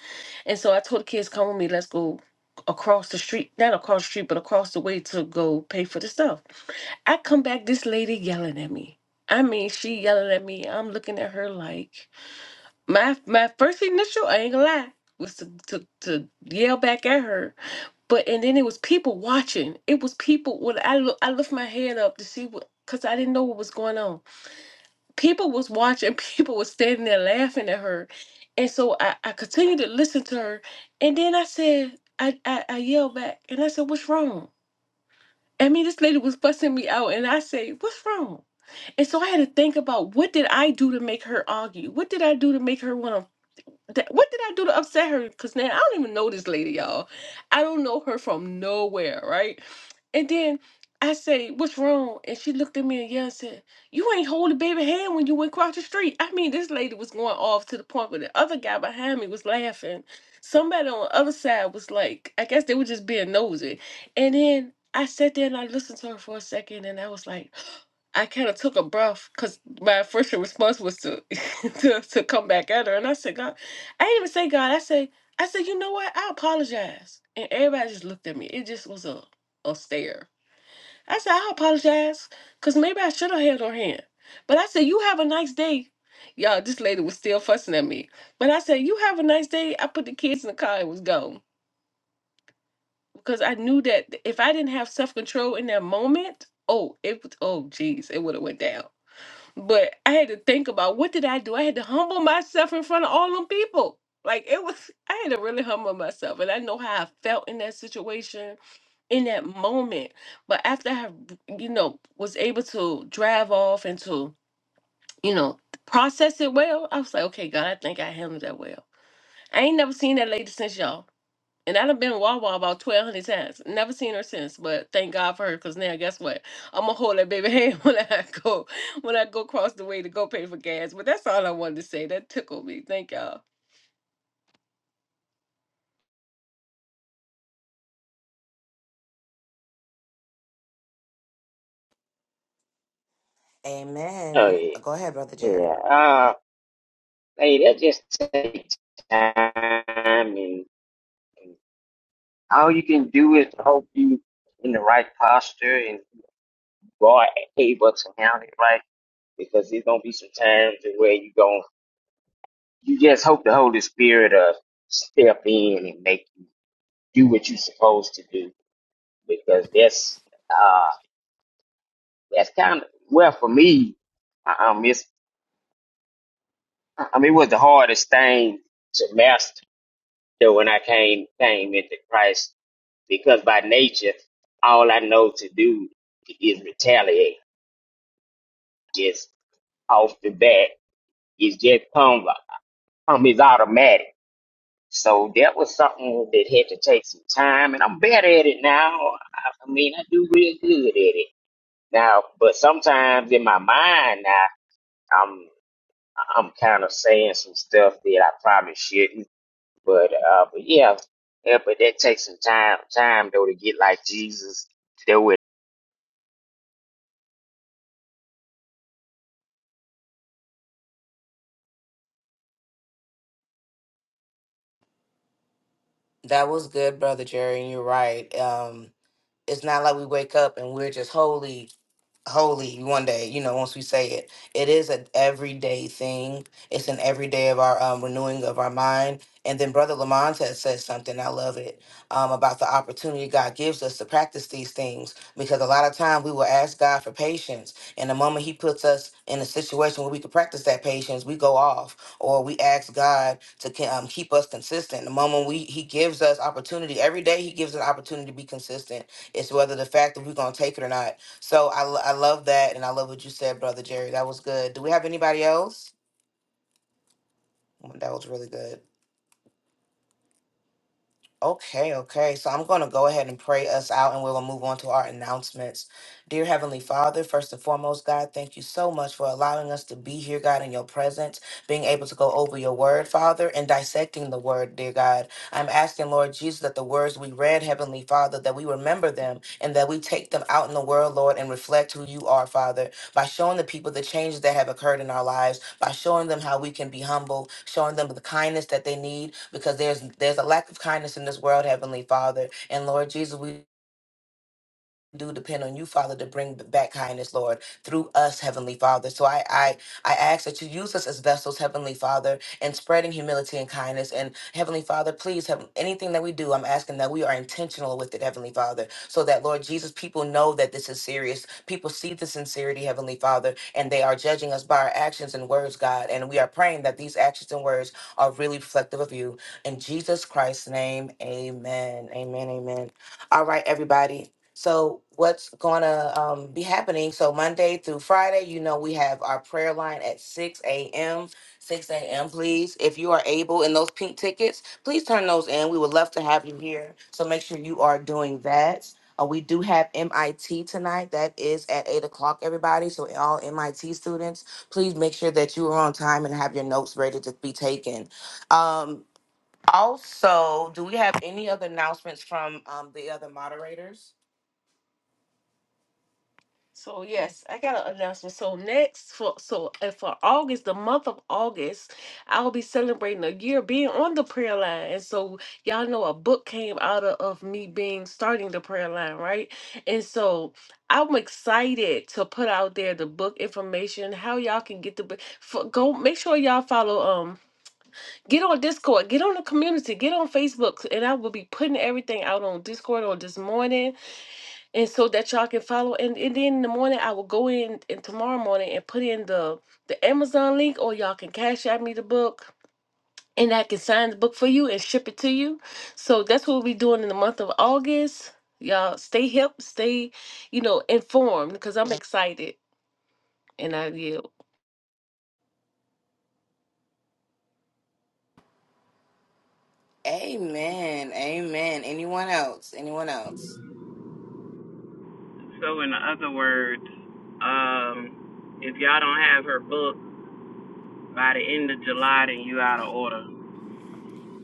And so I told the kids, come with me, let's go across the street, not across the street, but across the way to go pay for the stuff. I come back, this lady yelling at me. I mean, she yelling at me. I'm looking at her like my my first initial, I ain't gonna lie, was to, to, to yell back at her. But and then it was people watching. It was people when I look I lift my head up to see what because I didn't know what was going on people was watching people was standing there laughing at her and so i, I continued to listen to her and then i said I, I i yelled back and i said what's wrong i mean this lady was busting me out and i say what's wrong and so i had to think about what did i do to make her argue what did i do to make her want to that, what did I do to upset her? Because now I don't even know this lady, y'all. I don't know her from nowhere, right? And then I say, What's wrong? And she looked at me and yelled and said, You ain't holding baby hand when you went across the street. I mean, this lady was going off to the point where the other guy behind me was laughing. Somebody on the other side was like, I guess they were just being nosy. And then I sat there and I listened to her for a second and I was like, I kind of took a breath because my first response was to, to to come back at her, and I said, "God, I didn't even say God. I say, I said, you know what? I apologize. And everybody just looked at me. It just was a, a stare. I said, I apologize because maybe I should have held her hand. But I said, you have a nice day. Y'all, this lady was still fussing at me. But I said, you have a nice day. I put the kids in the car and was gone. Because I knew that if I didn't have self-control in that moment, oh, it was, oh, geez, it would have went down. But I had to think about what did I do? I had to humble myself in front of all them people. Like it was, I had to really humble myself. And I know how I felt in that situation, in that moment. But after I, you know, was able to drive off and to, you know, process it well, I was like, okay, God, I think I handled that well. I ain't never seen that lady since y'all. And I've been Wawa about twelve hundred times. Never seen her since, but thank God for her. Cause now, guess what? I'm gonna hold that baby hand when I go when I go across the way to go pay for gas. But that's all I wanted to say. That tickled me. Thank y'all.
Oh
Amen.
yeah,
Go ahead, Brother Jerry.
yeah. Uh, hey, that just takes time, and, and all you can do is hope you in the right posture and you are able to handle it right, because there's gonna be some times where you going you just hope the Holy Spirit uh step in and make you do what you're supposed to do, because that's uh that's kind of well for me. I, I miss. I mean, it was the hardest thing to master that when I came came into Christ, because by nature, all I know to do is retaliate. Just off the bat, is just come come is automatic. So that was something that had to take some time, and I'm better at it now. I I mean, I do real good at it now, but sometimes in my mind now, I'm I'm kind of saying some stuff that I probably shouldn't But uh, but yeah, yeah, but that takes some time, time though to get like Jesus to do it.
That was good, Brother Jerry, and you're right. Um, it's not like we wake up and we're just holy holy one day you know once we say it it is an everyday thing it's an everyday of our um, renewing of our mind and then brother lamont has said something i love it um, about the opportunity god gives us to practice these things because a lot of time we will ask god for patience and the moment he puts us in a situation where we can practice that patience we go off or we ask god to ke- um, keep us consistent the moment we he gives us opportunity every day he gives an opportunity to be consistent it's whether the fact that we're going to take it or not so I, lo- I love that, and I love what you said, brother Jerry. That was good. Do we have anybody else? Mm, That was really good. Okay, okay. So I'm going to go ahead and pray us out, and we'll move on to our announcements. Dear Heavenly Father, first and foremost, God, thank you so much for allowing us to be here, God, in your presence, being able to go over your word, Father, and dissecting the word, dear God. I'm asking, Lord Jesus, that the words we read, Heavenly Father, that we remember them and that we take them out in the world, Lord, and reflect who you are, Father. by showing the people the changes that have occurred in our lives, by showing them how we can be humble, showing them the kindness that they need, because there's there's a lack of kindness in this world, Heavenly Father. And Lord Jesus, we do depend on you, Father, to bring back kindness, Lord, through us, Heavenly Father. So I, I, I ask that you use us as vessels, Heavenly Father, in spreading humility and kindness. And Heavenly Father, please, have anything that we do, I'm asking that we are intentional with it, Heavenly Father, so that, Lord Jesus, people know that this is serious. People see the sincerity, Heavenly Father, and they are judging us by our actions and words, God. And we are praying that these actions and words are really reflective of you. In Jesus Christ's name, amen. Amen, amen. All right, everybody. So what's gonna um, be happening? So Monday through Friday, you know, we have our prayer line at six a.m. Six a.m. Please, if you are able, and those pink tickets, please turn those in. We would love to have you here. So make sure you are doing that. Uh, we do have MIT tonight. That is at eight o'clock, everybody. So all MIT students, please make sure that you are on time and have your notes ready to be taken. Um, also, do we have any other announcements from um, the other moderators?
So yes, I got an announcement. So next for so uh, for August, the month of August, I'll be celebrating a year being on the prayer line. And so y'all know a book came out of, of me being starting the prayer line, right? And so I'm excited to put out there the book information, how y'all can get the book. For, go make sure y'all follow um get on Discord, get on the community, get on Facebook, and I will be putting everything out on Discord on this morning and so that y'all can follow and, and then in the morning i will go in and tomorrow morning and put in the the amazon link or y'all can cash out me the book and i can sign the book for you and ship it to you so that's what we'll be doing in the month of august y'all stay hip stay you know informed because i'm excited and i yield
Amen. Amen. Anyone else? Anyone else?
So, in other words, um, if y'all don't have her book by the end of July, then you out of order.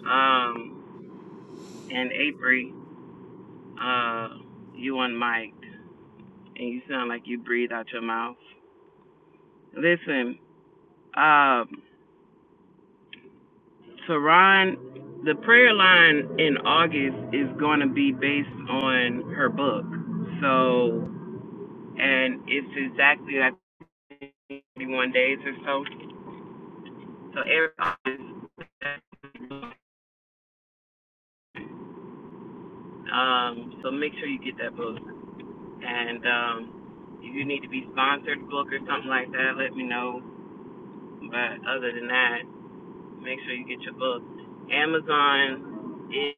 Um, and April, uh, you unmiked, and you sound like you breathe out your mouth. Listen, um, so Ron, the prayer line in August is going to be based on her book. So, and it's exactly like 31 days or so. So every August. Um, so make sure you get that book. And um, if you need to be sponsored book or something like that, let me know. But other than that, make sure you get your book. Amazon is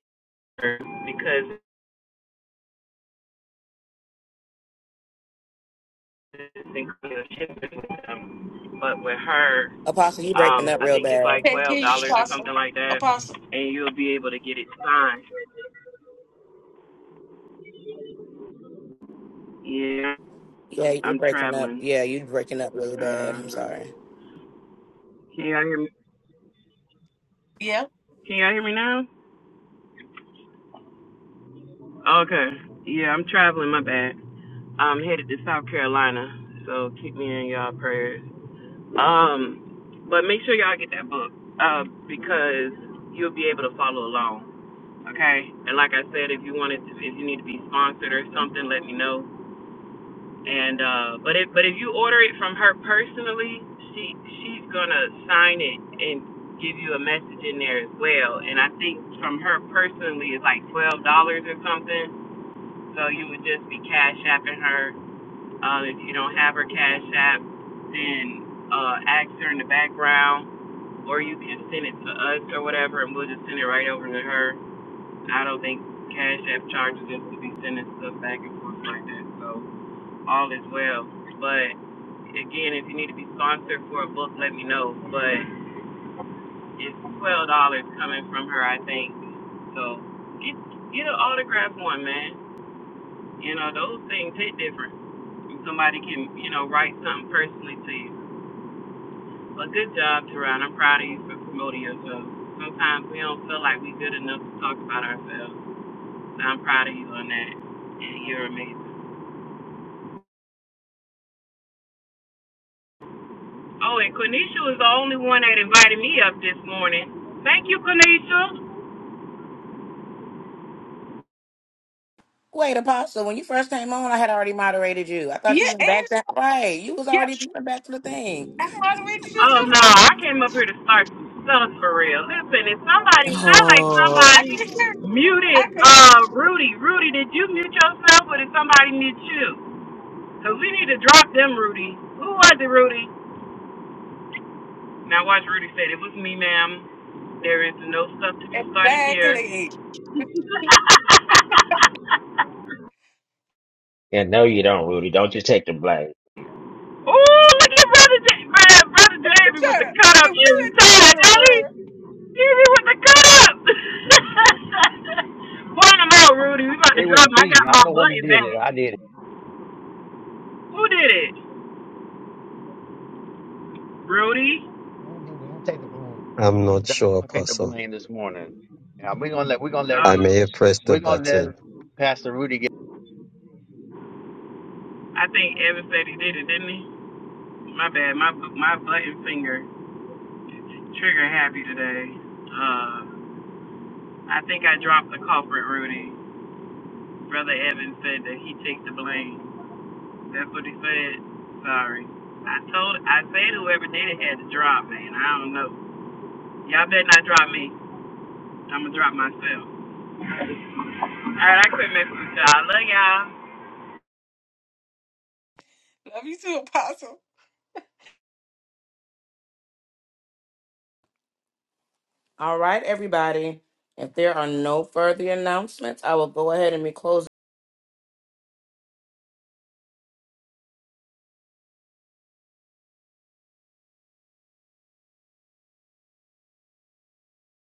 because it's included shipping with them, but with her,
Apostle, you breaking
um,
up
I
real
think it's like
bad.
Thank
twelve
you,
dollars or something
Apostle.
like that,
Apostle.
and you'll be able to get it signed. Yeah,
Yeah, you're
I'm
breaking up.
traveling.
Yeah, you breaking up really bad. I'm
Uh,
sorry.
can y'all hear me?
Yeah.
Can y'all hear me now? Okay. Yeah, I'm traveling. My bad. I'm headed to South Carolina, so keep me in y'all prayers. Um, but make sure y'all get that book, uh, because you'll be able to follow along. Okay. And like I said, if you wanted to, if you need to be sponsored or something, let me know. And uh, but if but if you order it from her personally, she she's gonna sign it and give you a message in there as well. And I think from her personally, it's like twelve dollars or something. So you would just be cash apping her uh, if you don't have her Cash App, then uh, ask her in the background, or you can send it to us or whatever, and we'll just send it right over to her. I don't think Cash App charges us to be sending stuff back and forth like that, so all is well. But again, if you need to be sponsored for a book, let me know. But it's twelve dollars coming from her, I think. So get get an autograph one, man. You know, those things hit different. Somebody can, you know, write something personally to you. But good job, Teron. I'm proud of you for promoting yourself. Sometimes we don't feel like we're good enough to talk about ourselves. So I'm proud of you on that. And you're amazing. Oh, and Quenisha was the only one that invited me up this morning. Thank you, Quenisha.
Wait, Apostle, when you first came on, I had already moderated you. I thought
Yeah.
you went back that right. You was
yeah.
already you went back to the thing.
I,
Oh, no, I came up here to start some stuff for real. Listen, if somebody, sounds like
Oh.
I
somebody
can hear. it. I
muted
can hear.
uh, Rudy. Rudy, did you mute yourself or did somebody mute you? Cause we need to drop them, Rudy. Who was it, Rudy? Now watch Rudy said it was me, ma'am. There is no stuff to be
it.
started here.
Exactly.
Yeah, no, you don't, Rudy. Don't you take the blame.
oh, look at brother J man, brother Jamie with the
Sure.
cut up
You
is
really do,
retired,
brother
Ellie.
girl.
Jamie with the cut up. Point him out, Rudy. We about
It
to
was
drop him. I
me.
got my
I'm the one who
button
did
back.
it. I did it.
Who did it? Rudy.
I'm gonna take the blame. I'm
I'm
gonna take
not
the, I'm
sure,
gonna take the
Apostle.
blame this morning. Yeah, we're gonna let we're gonna let
I
Lu-
may
Um,
have pressed the
we're gonna
button.
let Pastor Rudy
I think Evan said he did it, didn't he? My bad. My my button finger. Trigger happy today. Uh, I think I dropped the culprit, Rudy. Brother Evan said that he takes the blame. That's what he said. Sorry. I told, I said whoever did it had to drop, man. I don't know. Y'all better not drop me. I'm gonna drop myself. All right, I quit messing with y'all. I love y'all.
Love you too, Apostle.
All right, everybody. If there are no further announcements, I will go ahead and be closing.